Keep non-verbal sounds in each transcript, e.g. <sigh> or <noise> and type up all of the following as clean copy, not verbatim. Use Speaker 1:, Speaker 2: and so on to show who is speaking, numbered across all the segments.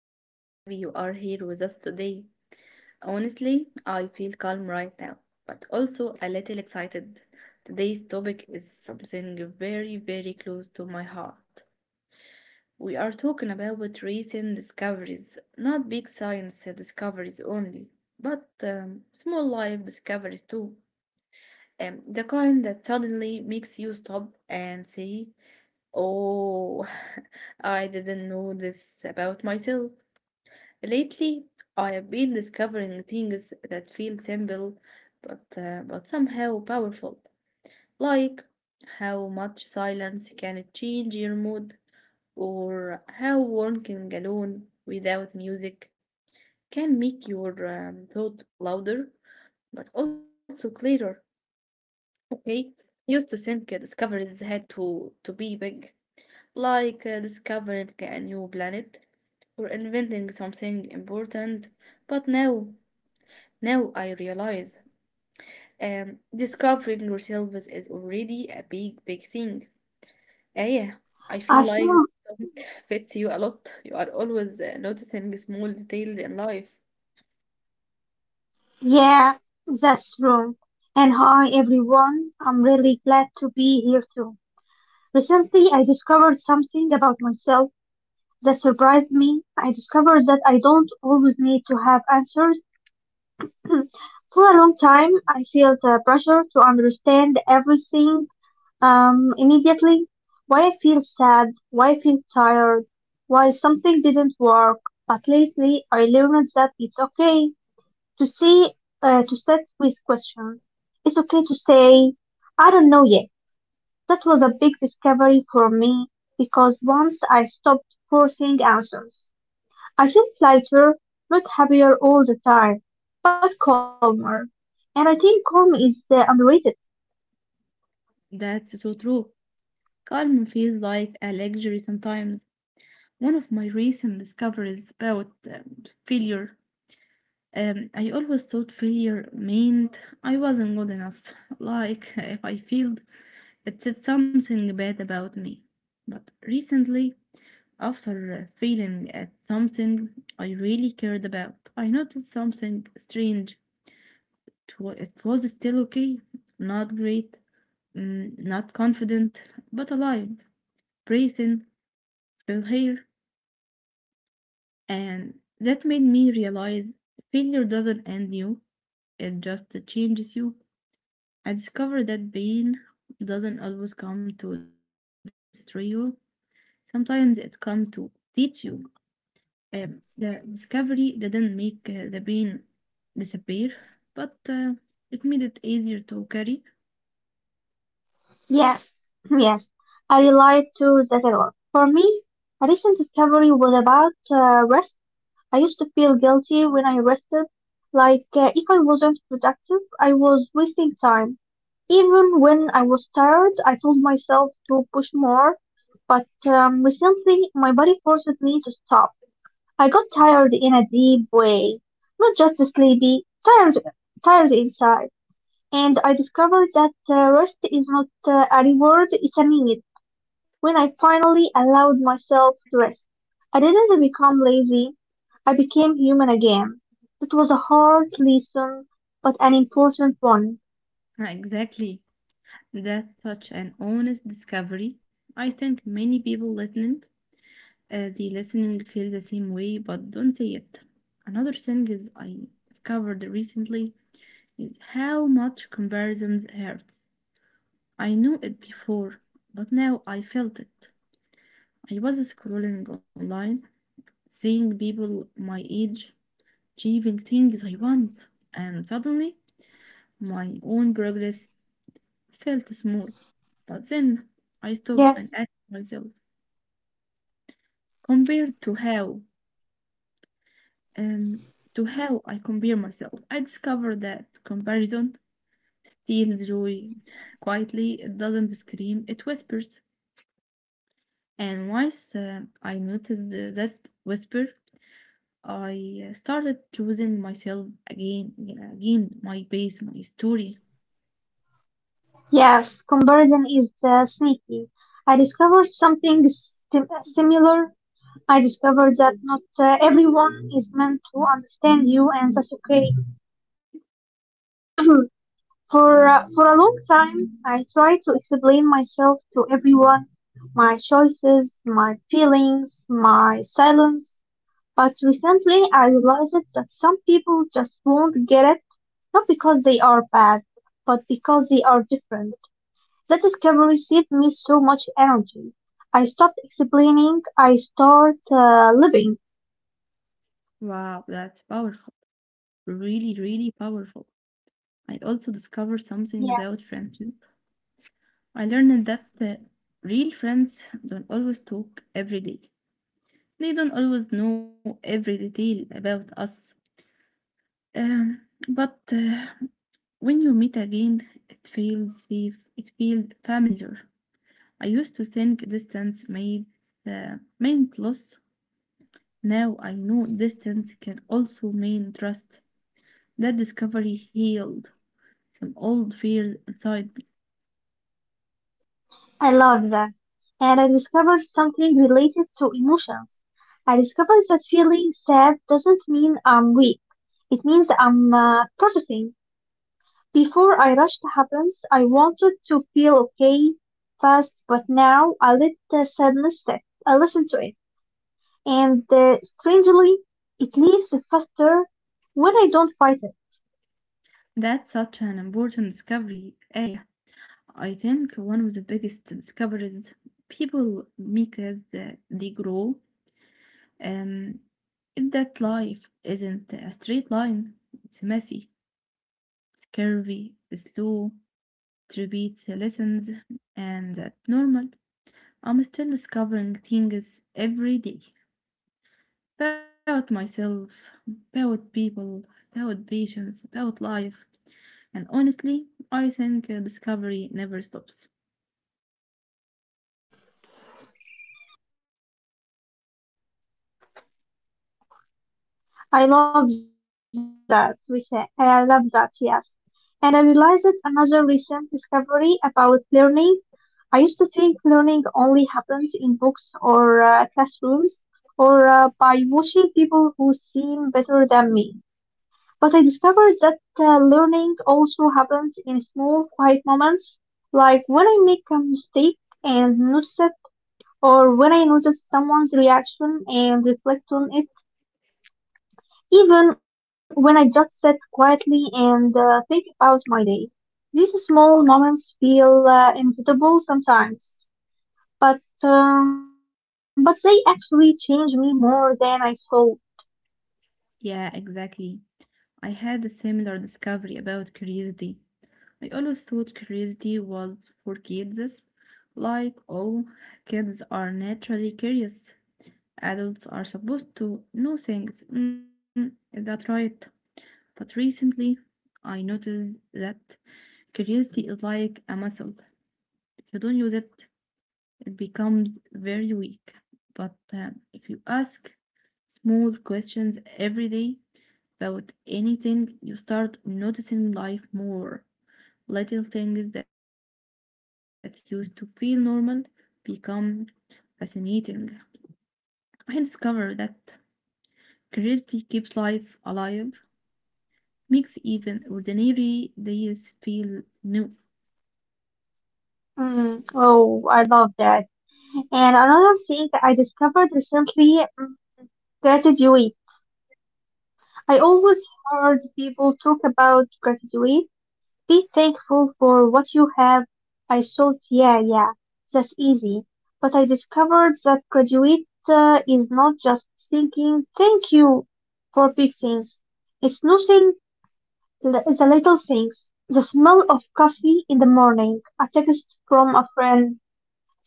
Speaker 1: I'm really happy you are here with us today. Honestly, I feel calm right now, but also a little excited. Today's topic is something very, very close to my heart. We are talking about recent discoveries, not big science discoveries only, but small life discoveries too. The kind that suddenly makes you stop and say, Oh, <laughs> I didn't know this about myself. Lately, I have been discovering things that feel simple but but somehow powerful, like how much silence can change your mood, or how working alone without music can make your thought louder but also clearer. Okay, used to think discoveries had to be big, like discovering a new planet or inventing something important, but now. Now I realize discovering yourself is already a big, big thing. Yeah, I feel like the
Speaker 2: Ashim,
Speaker 1: topic <laughs> fits you a lot. You are always noticing small details in life.
Speaker 2: yeah, that's true. And hi everyone, I'm really glad to be here too. Recently, I discovered something about myself that surprised me. I discovered that I don't always need to have answers. For a long time, I felt the pressure to understand everything immediately. Why I feel sad, why I feel tired, why something didn't work. But lately, I learned that it's okay to see to set with questions. It's okay to say, I don't know yet. That was a big discovery for me because once I stopped forcing answers, I felt lighter, not happier all the time, but calmer. And I think calm is underrated.
Speaker 1: That's so true. Calm feels like a luxury sometimes. One of my recent discoveries about failure. I always thought failure meant I wasn't good enough. <laughs> Like, if I failed, it said something bad about me. But recently, after failing at something I really cared about, I noticed something strange. It was still okay, not great, not confident, but alive, breathing, still here. And that made me realize failure doesn't end you, it just changes you. I discovered that pain doesn't always come to destroy you. Sometimes it comes to teach you. The discovery didn't make the pain disappear, but it made it easier to carry.
Speaker 2: Yes, <clears throat> yes, I relate to that a lot. For me, a recent discovery was about rest. I used to feel guilty when I rested, like if I wasn't productive, I was wasting time. Even when I was tired, I told myself to push more, but recently my body forced me to stop. I got tired in a deep way, not just sleepy, tired, tired inside. And I discovered that rest is not a reward, it's a need. When I finally allowed myself to rest, I didn't become lazy. I became human again. It was a hard lesson, but an important one.
Speaker 1: Ah, exactly. That such an honest discovery. I think many people listening, the listening feel the same way, but don't say it. Another thing is I discovered recently is how much comparisons hurts. I knew it before, but now I felt it. I was scrolling online, seeing people my age achieving things I want, and suddenly my own progress felt small. But then I stopped
Speaker 2: Yes,
Speaker 1: and asked myself, compared um, to how I compare myself, I discovered that comparison steals joy quietly. It doesn't scream, it whispers. And once I noticed that whisper, I started choosing myself again, again, my pace, my story.
Speaker 2: yes, comparison is sneaky. I discovered something similar. I discovered that not everyone is meant to understand you, and that's okay. For a long time, I tried to explain myself to everyone, my choices, my feelings, my silence. But recently, I realized that some people just won't get it, not because they are bad, but because they are different. That discovery saved me so much energy. I stopped explaining, I start living.
Speaker 1: Wow, that's powerful. Really, really powerful. I also discovered something about
Speaker 2: Yeah.
Speaker 1: friendship. I learned that real friends don't always talk every day. They don't always know every detail about us. Um, but when you meet again, it feels safe. It feels familiar. I used to think distance made meant loss. Now I know distance can also mean trust. That discovery healed some old fears inside me.
Speaker 2: I love that. And I discovered something related to emotions. I discovered that feeling sad doesn't mean I'm weak. It means I'm processing. Before I rushed happens, I wanted to feel okay fast, but now I let the sadness set. I listen to it. And strangely, it leaves faster when I don't fight it.
Speaker 1: That's such an important discovery, Aya. I think one of the biggest discoveries people make as they grow um, is that life isn't a straight line. It's messy, it's curvy, it's slow, it repeats lessons, and that's normal. I'm still discovering things every day, about myself, about people, about patience, about life. And honestly, I think discovery never stops.
Speaker 2: I love that, we say. I love that, yes. And I realized another recent discovery about learning. I used to think learning only happened in books or classrooms or by watching people who seem better than me. But I discovered that learning also happens in small, quiet moments, like when I make a mistake and notice it, or when I notice someone's reaction and reflect on it, even when I just sit quietly and think about my day. These small moments feel inevitable sometimes. But they actually changed me more than I thought.
Speaker 1: Yeah, exactly. I had a similar discovery about curiosity. I always thought curiosity was for kids. Like, oh, kids are naturally curious. Adults are supposed to know things. Mm, is that right? But recently, I noticed that curiosity is like a muscle. If you don't use it, it becomes very weak. But if you ask small questions every day about anything, you start noticing life more. Little things that used to feel normal become fascinating. I discovered that curiosity keeps life alive, makes even ordinary days feel new.
Speaker 2: Oh, I love that. And another thing that I discovered recently, gratitude. I always heard people talk about gratitude. Be thankful for what you have. I thought, yeah, yeah, that's easy. But I discovered that gratitude is not just thinking thank you for big things. It's nothing. The little things: the smell of coffee in the morning, a text from a friend,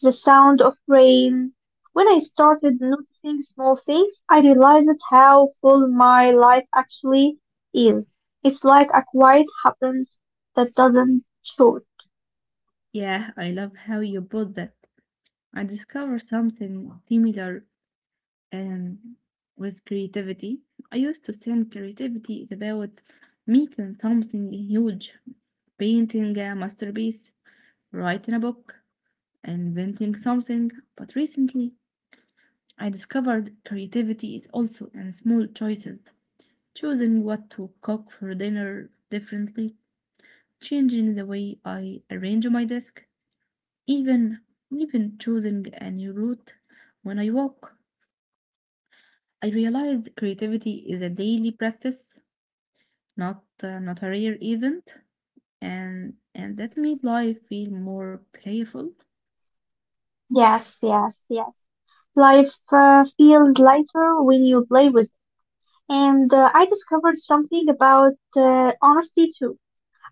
Speaker 2: the sound of rain. When I started noticing small things, I realized how full my life actually is. It's like a quiet happens that doesn't show.
Speaker 1: Yeah, I love how you put that. I discovered something similar um, with creativity. I used to think creativity is about making something huge, painting a masterpiece, writing a book, inventing something. But recently, I discovered creativity is also in small choices, choosing what to cook for dinner differently, changing the way I arrange my desk, even even choosing a new route when I walk. I realized creativity is a daily practice not not a rare event, and that made life feel more playful.
Speaker 2: Yes, yes, yes. Life feels lighter when you play with it. And I discovered something about honesty too.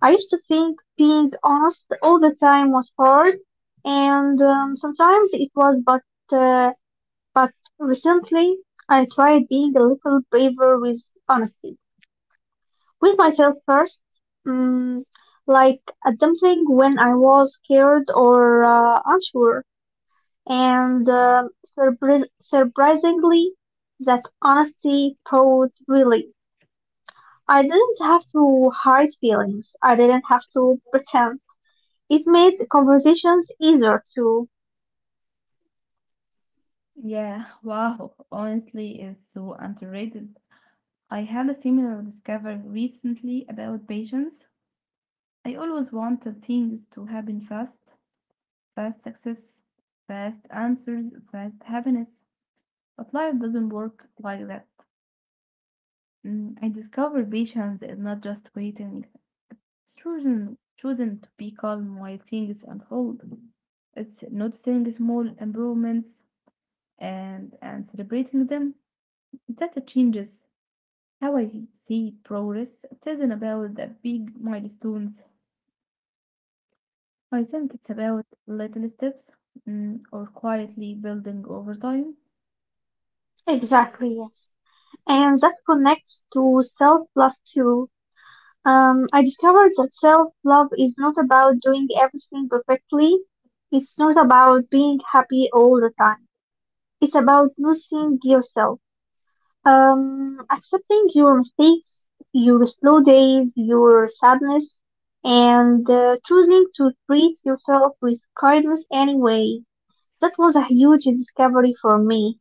Speaker 2: I used to think being honest all the time was hard, and sometimes it was, uh, but recently I tried being a little braver with honesty, with myself first, um, like attempting when I was scared or unsure, and surprisingly, that honesty brought really. I didn't have to hide feelings. I didn't have to pretend. It made conversations easier too.
Speaker 1: Yeah, wow. Honestly, it's so underrated. I had a similar discovery recently about patience. I always wanted things to happen fast, fast success, fast answers, fast happiness. But life doesn't work like that. Mm, I discovered patience is not just waiting. It's chosen, chosen to be calm while things unfold. It's noticing small improvements and celebrating them. That changes how I see progress. It isn't about the big milestones. I think it's about little steps or quietly building over time.
Speaker 2: Exactly, yes. And that connects to self-love too. I discovered that self-love is not about doing everything perfectly. It's not about being happy all the time. It's about noticing yourself, accepting your mistakes, your slow days, your sadness, and choosing to treat yourself with kindness anyway. That was a huge discovery for me,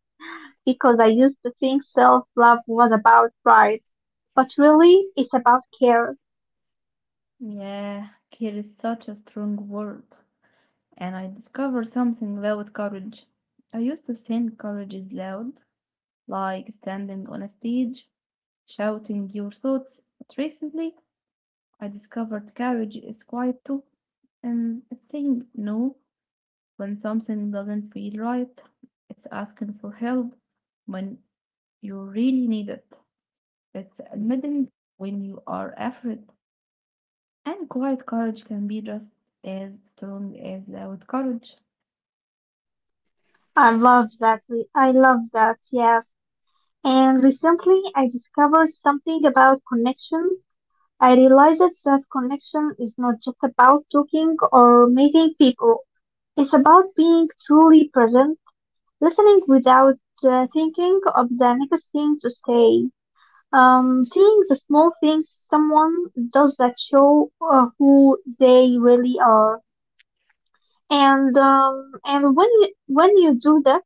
Speaker 2: because I used to think self-love was about pride, but really it's about care.
Speaker 1: Yeah, care is such a strong word. And I discovered something about courage. I used to think courage is loud, like standing on a stage shouting your thoughts. But recently, I discovered courage is quiet too. And it's saying no when something doesn't feel right. It's asking for help when you really need it. It's admitting when you are afraid. And quiet courage can be just as strong as loud courage.
Speaker 2: I love that. I love that. Yes. And recently I discovered something about connection. I realized that connection is not just about talking or meeting people. It's about being truly present, listening without thinking of the next thing to say, seeing the small things someone does that show who they really are, and when you do that,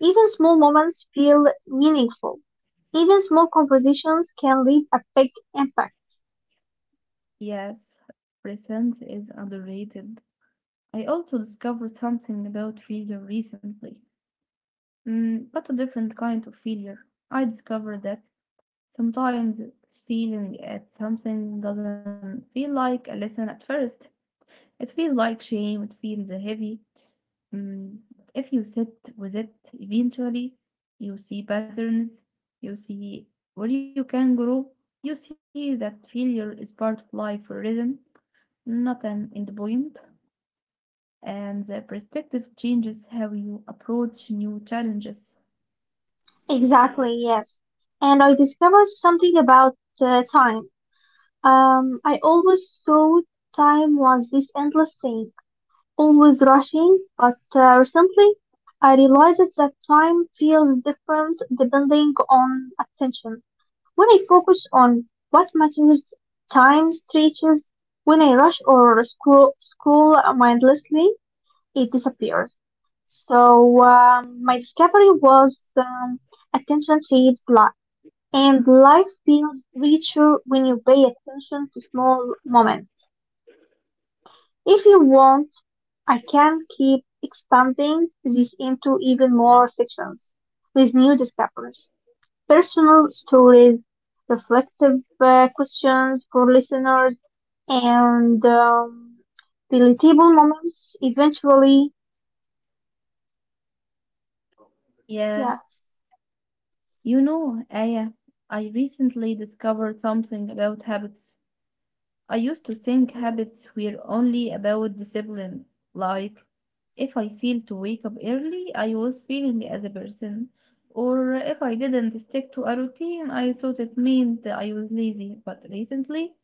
Speaker 2: even small moments feel meaningful. Even small compositions can leave a big impact.
Speaker 1: Yes, presence is underrated. I also discovered something about freedom recently. Mm, but a different kind of failure. I discovered that sometimes feeling at something doesn't feel like a lesson at first. It feels like shame, it feels heavy. But if you sit with it, eventually you see patterns, you see where you can grow, you see that failure is part of life for a reason, not an end point, and the perspective changes how you approach new challenges.
Speaker 2: Exactly, yes. And I discovered something about time. I always thought time was this endless thing always rushing, but recently I realized that time feels different depending on attention. When I focus on what matters, time stretches. When I rush or scroll mindlessly, it disappears. So my discovery was attention shapes life, and life feels richer when you pay attention to small moments. If you want, I can keep expanding this into even more sections with new discoveries, personal stories, reflective questions for listeners, and deletable moments eventually.
Speaker 1: Yeah.
Speaker 2: Yes,
Speaker 1: You know, Aya, I recently discovered something about habits. I used to think habits were only about discipline. Like, if I failed to wake up early, I was failing as a person. Or if I didn't stick to a routine, I thought it meant I was lazy. But recently,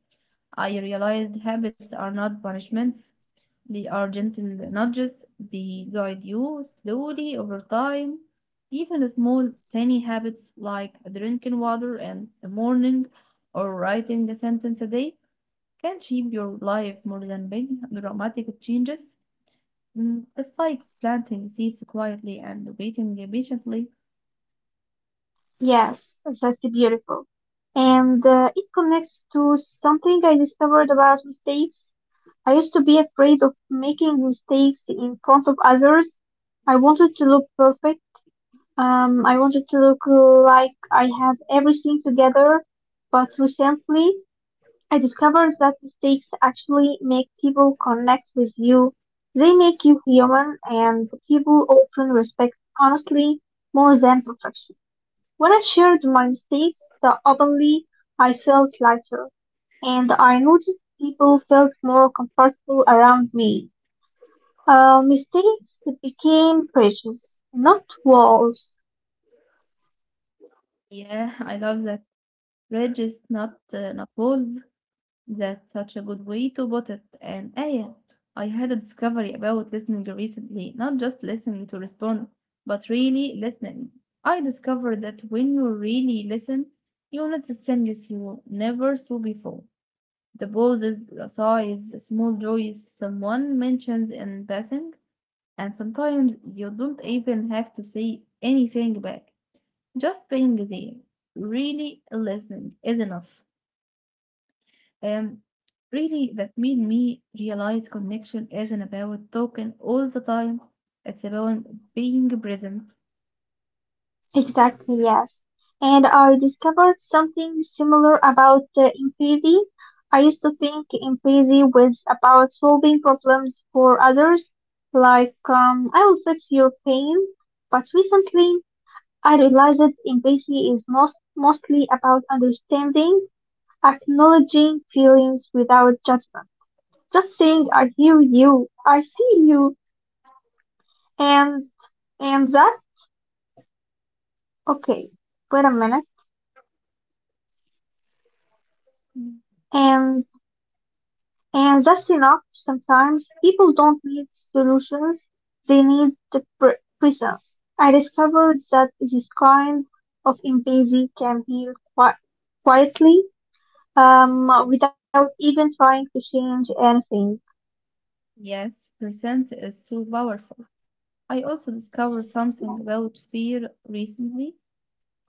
Speaker 1: I realized habits are not punishments. They are gentle nudges. They guide you slowly over time. Even small, tiny habits like drinking water in the morning or writing a sentence a day can shape your life more than big dramatic changes. Mm, it's like planting seeds quietly and waiting patiently.
Speaker 2: yes, that's beautiful. And it connects to something I discovered about mistakes. I used to be afraid of making mistakes in front of others. I wanted to look perfect. I wanted to look like I have everything together. But recently, I discovered that mistakes actually make people connect with you. They make you human, and people often respect honestly more than perfection. When I shared my mistakes openly, I felt lighter, and I noticed people felt more comfortable around me. Mistakes became bridges, not walls.
Speaker 1: Yeah, <laughs> I love that. Bridges, not not walls. That's such a good way to put it. And Aya, I had a discovery about listening recently, not just listening to respond, but really listening. I discovered that when you really listen, you notice things you never saw before. The pauses, the sighs, the small joys someone mentions in passing, and sometimes you don't even have to say anything back. Just being there, really listening, is enough. Um, really, that made me realize connection isn't about talking all the time, it's about being present.
Speaker 2: Exactly, yes. And I discovered something similar about empathy. I used to think empathy was about solving problems for others, like, I will fix your pain. But recently, I realized that empathy is mostly about understanding, acknowledging feelings without judgment. Just saying, I hear you, I see you. And and that okay, wait a minute.
Speaker 1: Mm.
Speaker 2: And and that's enough. Sometimes people don't need solutions; they need the presence. I discovered that this kind of empathy can heal quietly, without even trying to change anything.
Speaker 1: Yes, present is so powerful. I also discovered something about fear recently.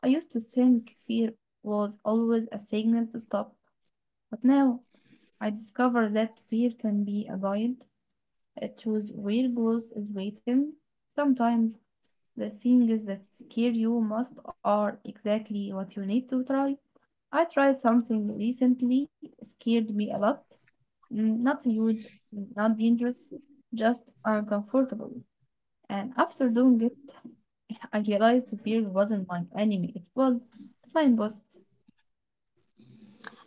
Speaker 1: I used to think fear was always a signal to stop, but now I discovered that fear can be a guide. It shows where growth is waiting. Sometimes the things that scare you most are exactly what you need to try. I tried something recently, scared me a lot. Mm, not huge, not dangerous, just uncomfortable. And after doing it, <laughs> I realized the beer wasn't my enemy, it was a signpost.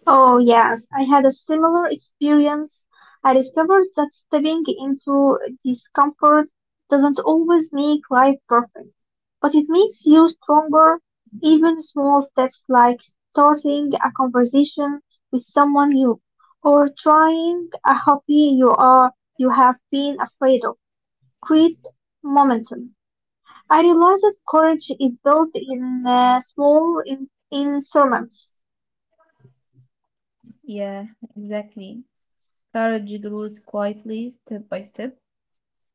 Speaker 2: Oh, yes, I had a similar experience. I discovered that stepping into discomfort doesn't always make life perfect, but it makes you stronger. Even small steps like starting a conversation with someone new or trying a hobby you have been afraid of create momentum. I realized that courage is built in in sermons.
Speaker 1: Yeah, exactly. Courage grows quietly, step by step,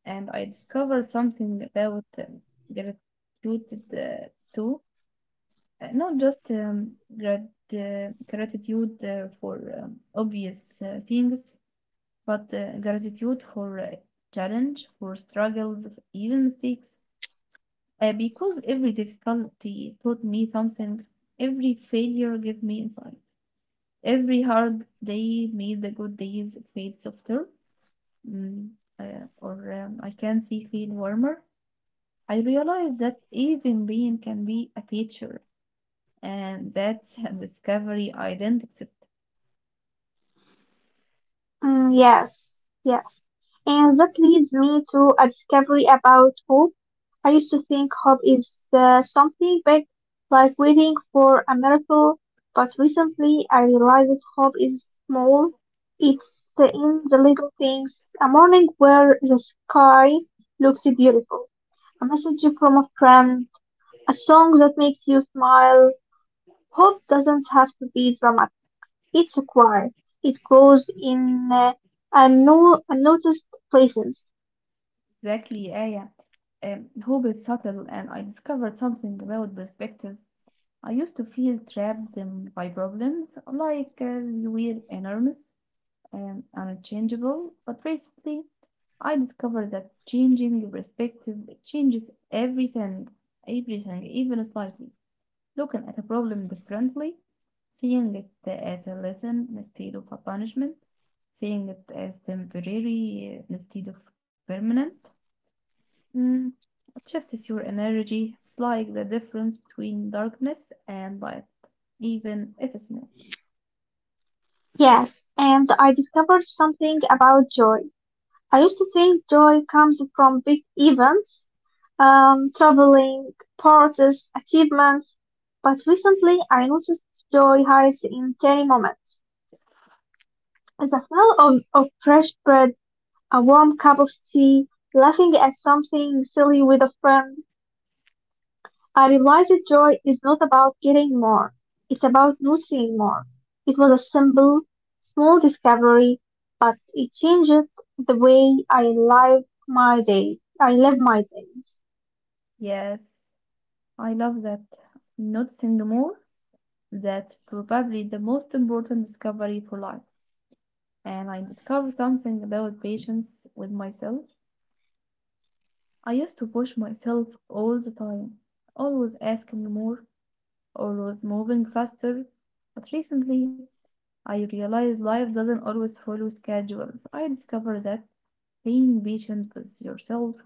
Speaker 1: and I discovered something about gratitude too. Not just gratitude for obvious things, but gratitude for challenge, for struggles, even mistakes. Because every difficulty taught me something, every failure gave me insight, every hard day made the good days feel softer, mm, or I can see feel warmer. I realized that even pain can be a teacher. And that discovery I didn't accept.
Speaker 2: Yes, yes. And that leads me to a discovery about hope. I used to think hope is something big, like waiting for a miracle, but recently I realized that hope is small. It's in the little things. A morning where the sky looks beautiful, a message from a friend, a song that makes you smile. Hope doesn't have to be dramatic. It's acquired; it grows in unnoticed places.
Speaker 1: Exactly, yeah, yeah. Hope is subtle, and I discovered something about perspective. I used to feel trapped by problems, like they were enormous and unchangeable. But recently, I discovered that changing your perspective changes everything, everything, even slightly. Looking at a problem differently, seeing it as a lesson instead of a punishment, seeing it as temporary instead of permanent. Mm, it shifts your energy. It's like the difference between darkness and light, even if it's small.
Speaker 2: Yes, and I discovered something about joy. I used to think joy comes from big events, traveling, parties, achievements, but recently I noticed joy hides in tiny moments. The smell of fresh bread, a warm cup of tea, laughing at something silly with a friend. I realized that joy is not about getting more. It's about noticing more. It was a simple, small discovery, but it changed the way I live my days.
Speaker 1: Yes, I love that. Noticing more, that's probably the most important discovery for life. And I discovered something about patience with myself. I used to push myself all the time, always asking more, always moving faster. But recently, I realized life doesn't always follow schedules. I discovered that being patient with yourself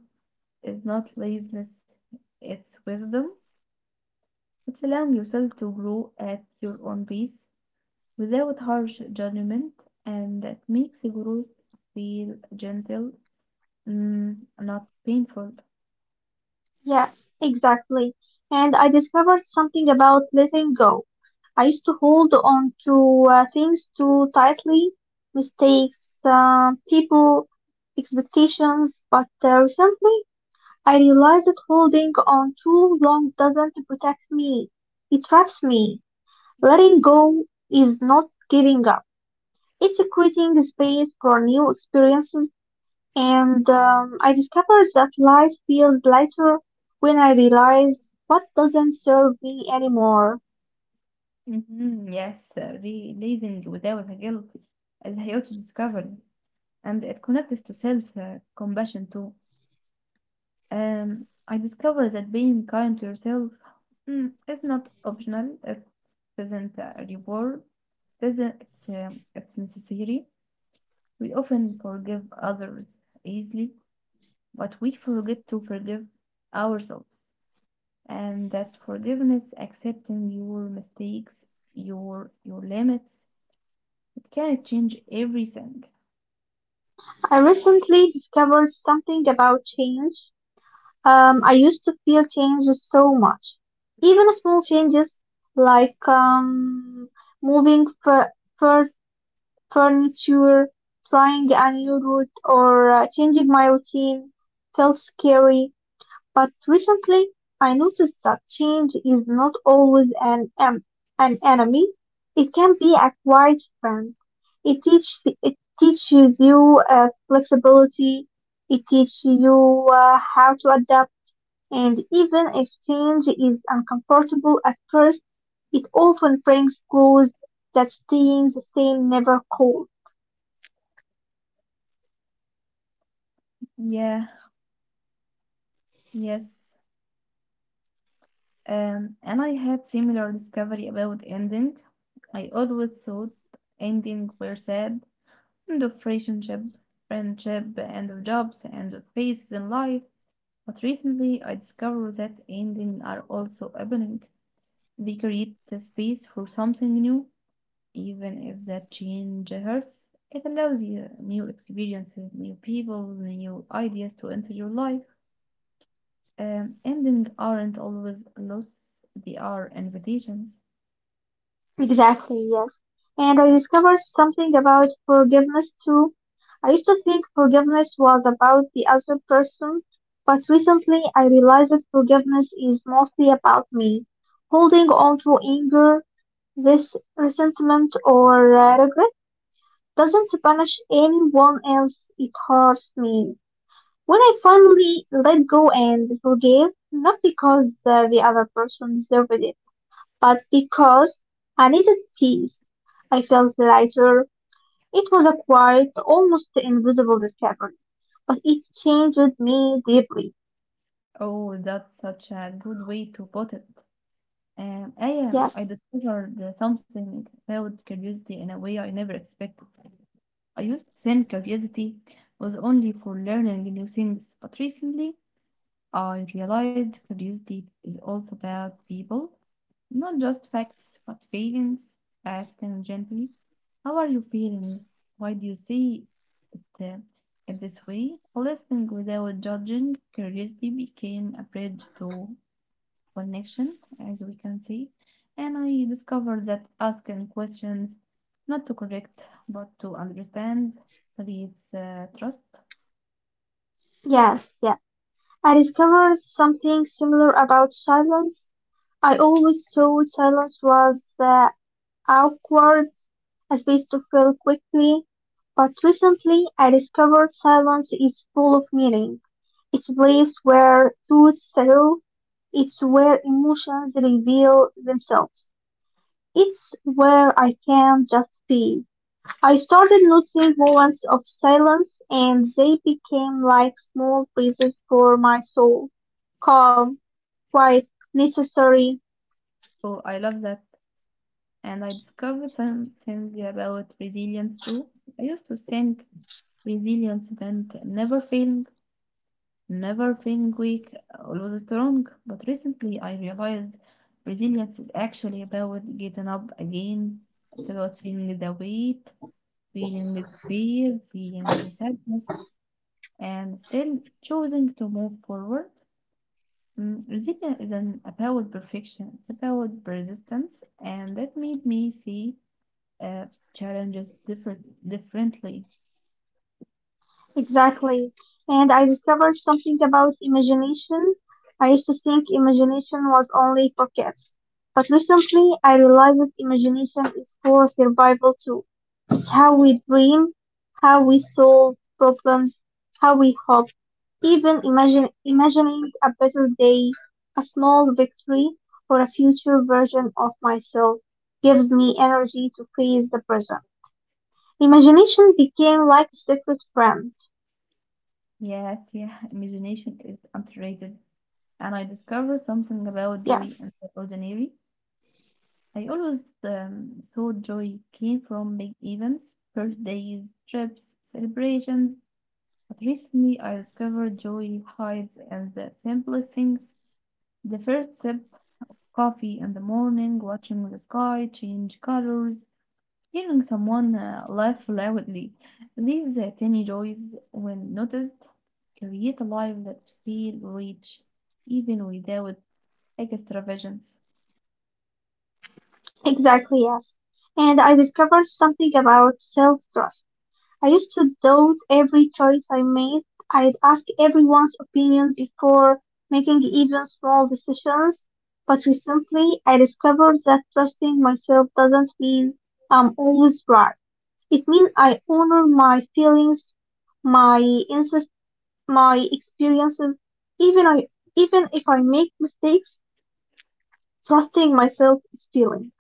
Speaker 1: is not laziness, it's wisdom. It's allowing yourself to grow at your own pace without harsh judgment, and that makes growth feel gentle, not painful.
Speaker 2: Yes, exactly. And I discovered something about letting go. I used to hold on to things too tightly, mistakes, people, expectations, but recently I realize that holding on too long doesn't protect me. It traps me. Letting go is not giving up. It's creating space for new experiences, and I discovered that life feels lighter when I realize what doesn't serve me anymore.
Speaker 1: Mhm, yes, releasing without the guilt is a huge discovery, and it connects to self compassion too. I discovered that being kind to yourself is not optional, it isn't a reward, it isn't, it's necessary. We often forgive others easily, but we forget to forgive ourselves, and that forgiveness, accepting your mistakes, your limits, it can change everything.
Speaker 2: I recently discovered something about change. I used to fear change so much. Even small changes like moving fur- further furniture, trying a new route, or changing my routine felt scary. But recently, I noticed that change is not always an enemy. It can be a quiet friend. It teaches you flexibility. It teaches you how to adapt. And even if change is uncomfortable at first, it often brings growth that staying the same never cold.
Speaker 1: Yeah, yes. And I had similar discovery about ending. I always thought ending were sad, end of relationship, friendship, end of jobs, end of phases in life. But recently I discovered that ending are also opening. They create the space for something new, even if that change hurts. It allows you new experiences, new people, new ideas to enter your life. Endings aren't always loss, they are invitations.
Speaker 2: Exactly, yes. And I discovered something about forgiveness too. I used to think forgiveness was about the other person, but recently I realized that forgiveness is mostly about me. Holding on to anger, this resentment, or regret doesn't punish anyone else, it hurts me. When I finally let go and forgive, not because the other person deserved it, but because I needed peace. I felt lighter. It was a quiet, almost invisible discovery, but it changed me deeply.
Speaker 1: Oh, that's such a good way to put it.
Speaker 2: Yes,
Speaker 1: I discovered something about curiosity in a way I never expected. I used to think curiosity was only for learning new things, but recently I realized curiosity is also about people, not just facts, but feelings. Asking gently, how are you feeling? Why do you see it, uh, it this way? Listening without judging, curiosity became a bridge to connection, as we can see. And I discovered that asking questions, not to correct, but to understand, creates trust.
Speaker 2: yes, yeah. I discovered something similar about silence. I always thought silence was awkward, a space to fill quickly, but recently I discovered silence is full of meaning. It's a place where truth settle. It's where emotions reveal themselves. It's where I can just be. I started noticing moments of silence and they became like small pieces for my soul. Calm, quiet, necessary.
Speaker 1: So I love that. And I discovered something about resilience too. I used to think resilience meant never failing, never feeling weak, always strong. But recently I realized resilience is actually about getting up again. It's about feeling the weight, feeling the fear, feeling the sadness, and still choosing to move forward. Mm, resilience isn't about perfection, it's about persistence, and that made me see uh, challenges differently.
Speaker 2: Exactly. And I discovered something about imagination. I used to think imagination was only for kids. But recently, I realized that imagination is for survival too. It's how we dream, how we solve problems, how we hope. Even imagining a better day, a small victory, or a future version of myself gives me energy to face the present. Imagination became like a secret friend.
Speaker 1: Yes, yeah, <laughs> imagination is underrated. And I discovered something about
Speaker 2: Yes.
Speaker 1: joy in the ordinary. I always thought joy came from big events, birthdays, trips, celebrations. But recently, I discovered joy hides in the simplest things. The first sip coffee in the morning, watching the sky change colors, hearing someone laugh loudly. These tiny joys, when noticed, create a life that feels rich, even without extravagance.
Speaker 2: Exactly, yes. And I discovered something about self-trust. I used to doubt every choice I made. I'd ask everyone's opinion before making even small decisions. But recently, I discovered that trusting myself doesn't mean I'm always right. It means I honor my feelings, my insist, my experiences, even I, even if I make mistakes, trusting myself is feeling.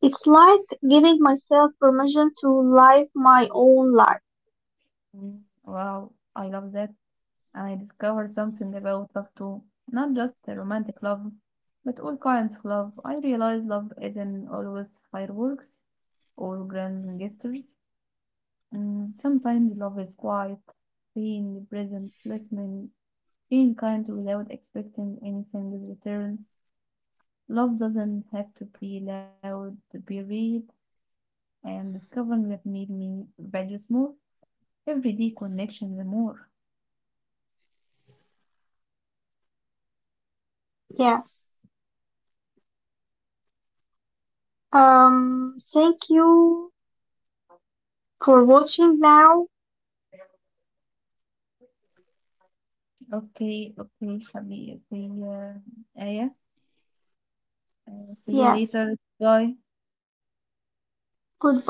Speaker 2: It's like giving myself permission to live my own life.
Speaker 1: Mm, wow, I love that. And I discovered something about love too. Not just the romantic love, but all kinds of love. I realized love isn't always fireworks or grand gestures. Mm, sometimes love is quiet, being present, listening, being kind without expecting anything in return. Love doesn't have to be loud to be real, and discovering that made me values more everyday connections more.
Speaker 2: Yes. Thank you for watching now.
Speaker 1: Okay, okay, حبيبي, okay, آية, see you
Speaker 2: Yes.
Speaker 1: later, bye.
Speaker 2: Goodbye.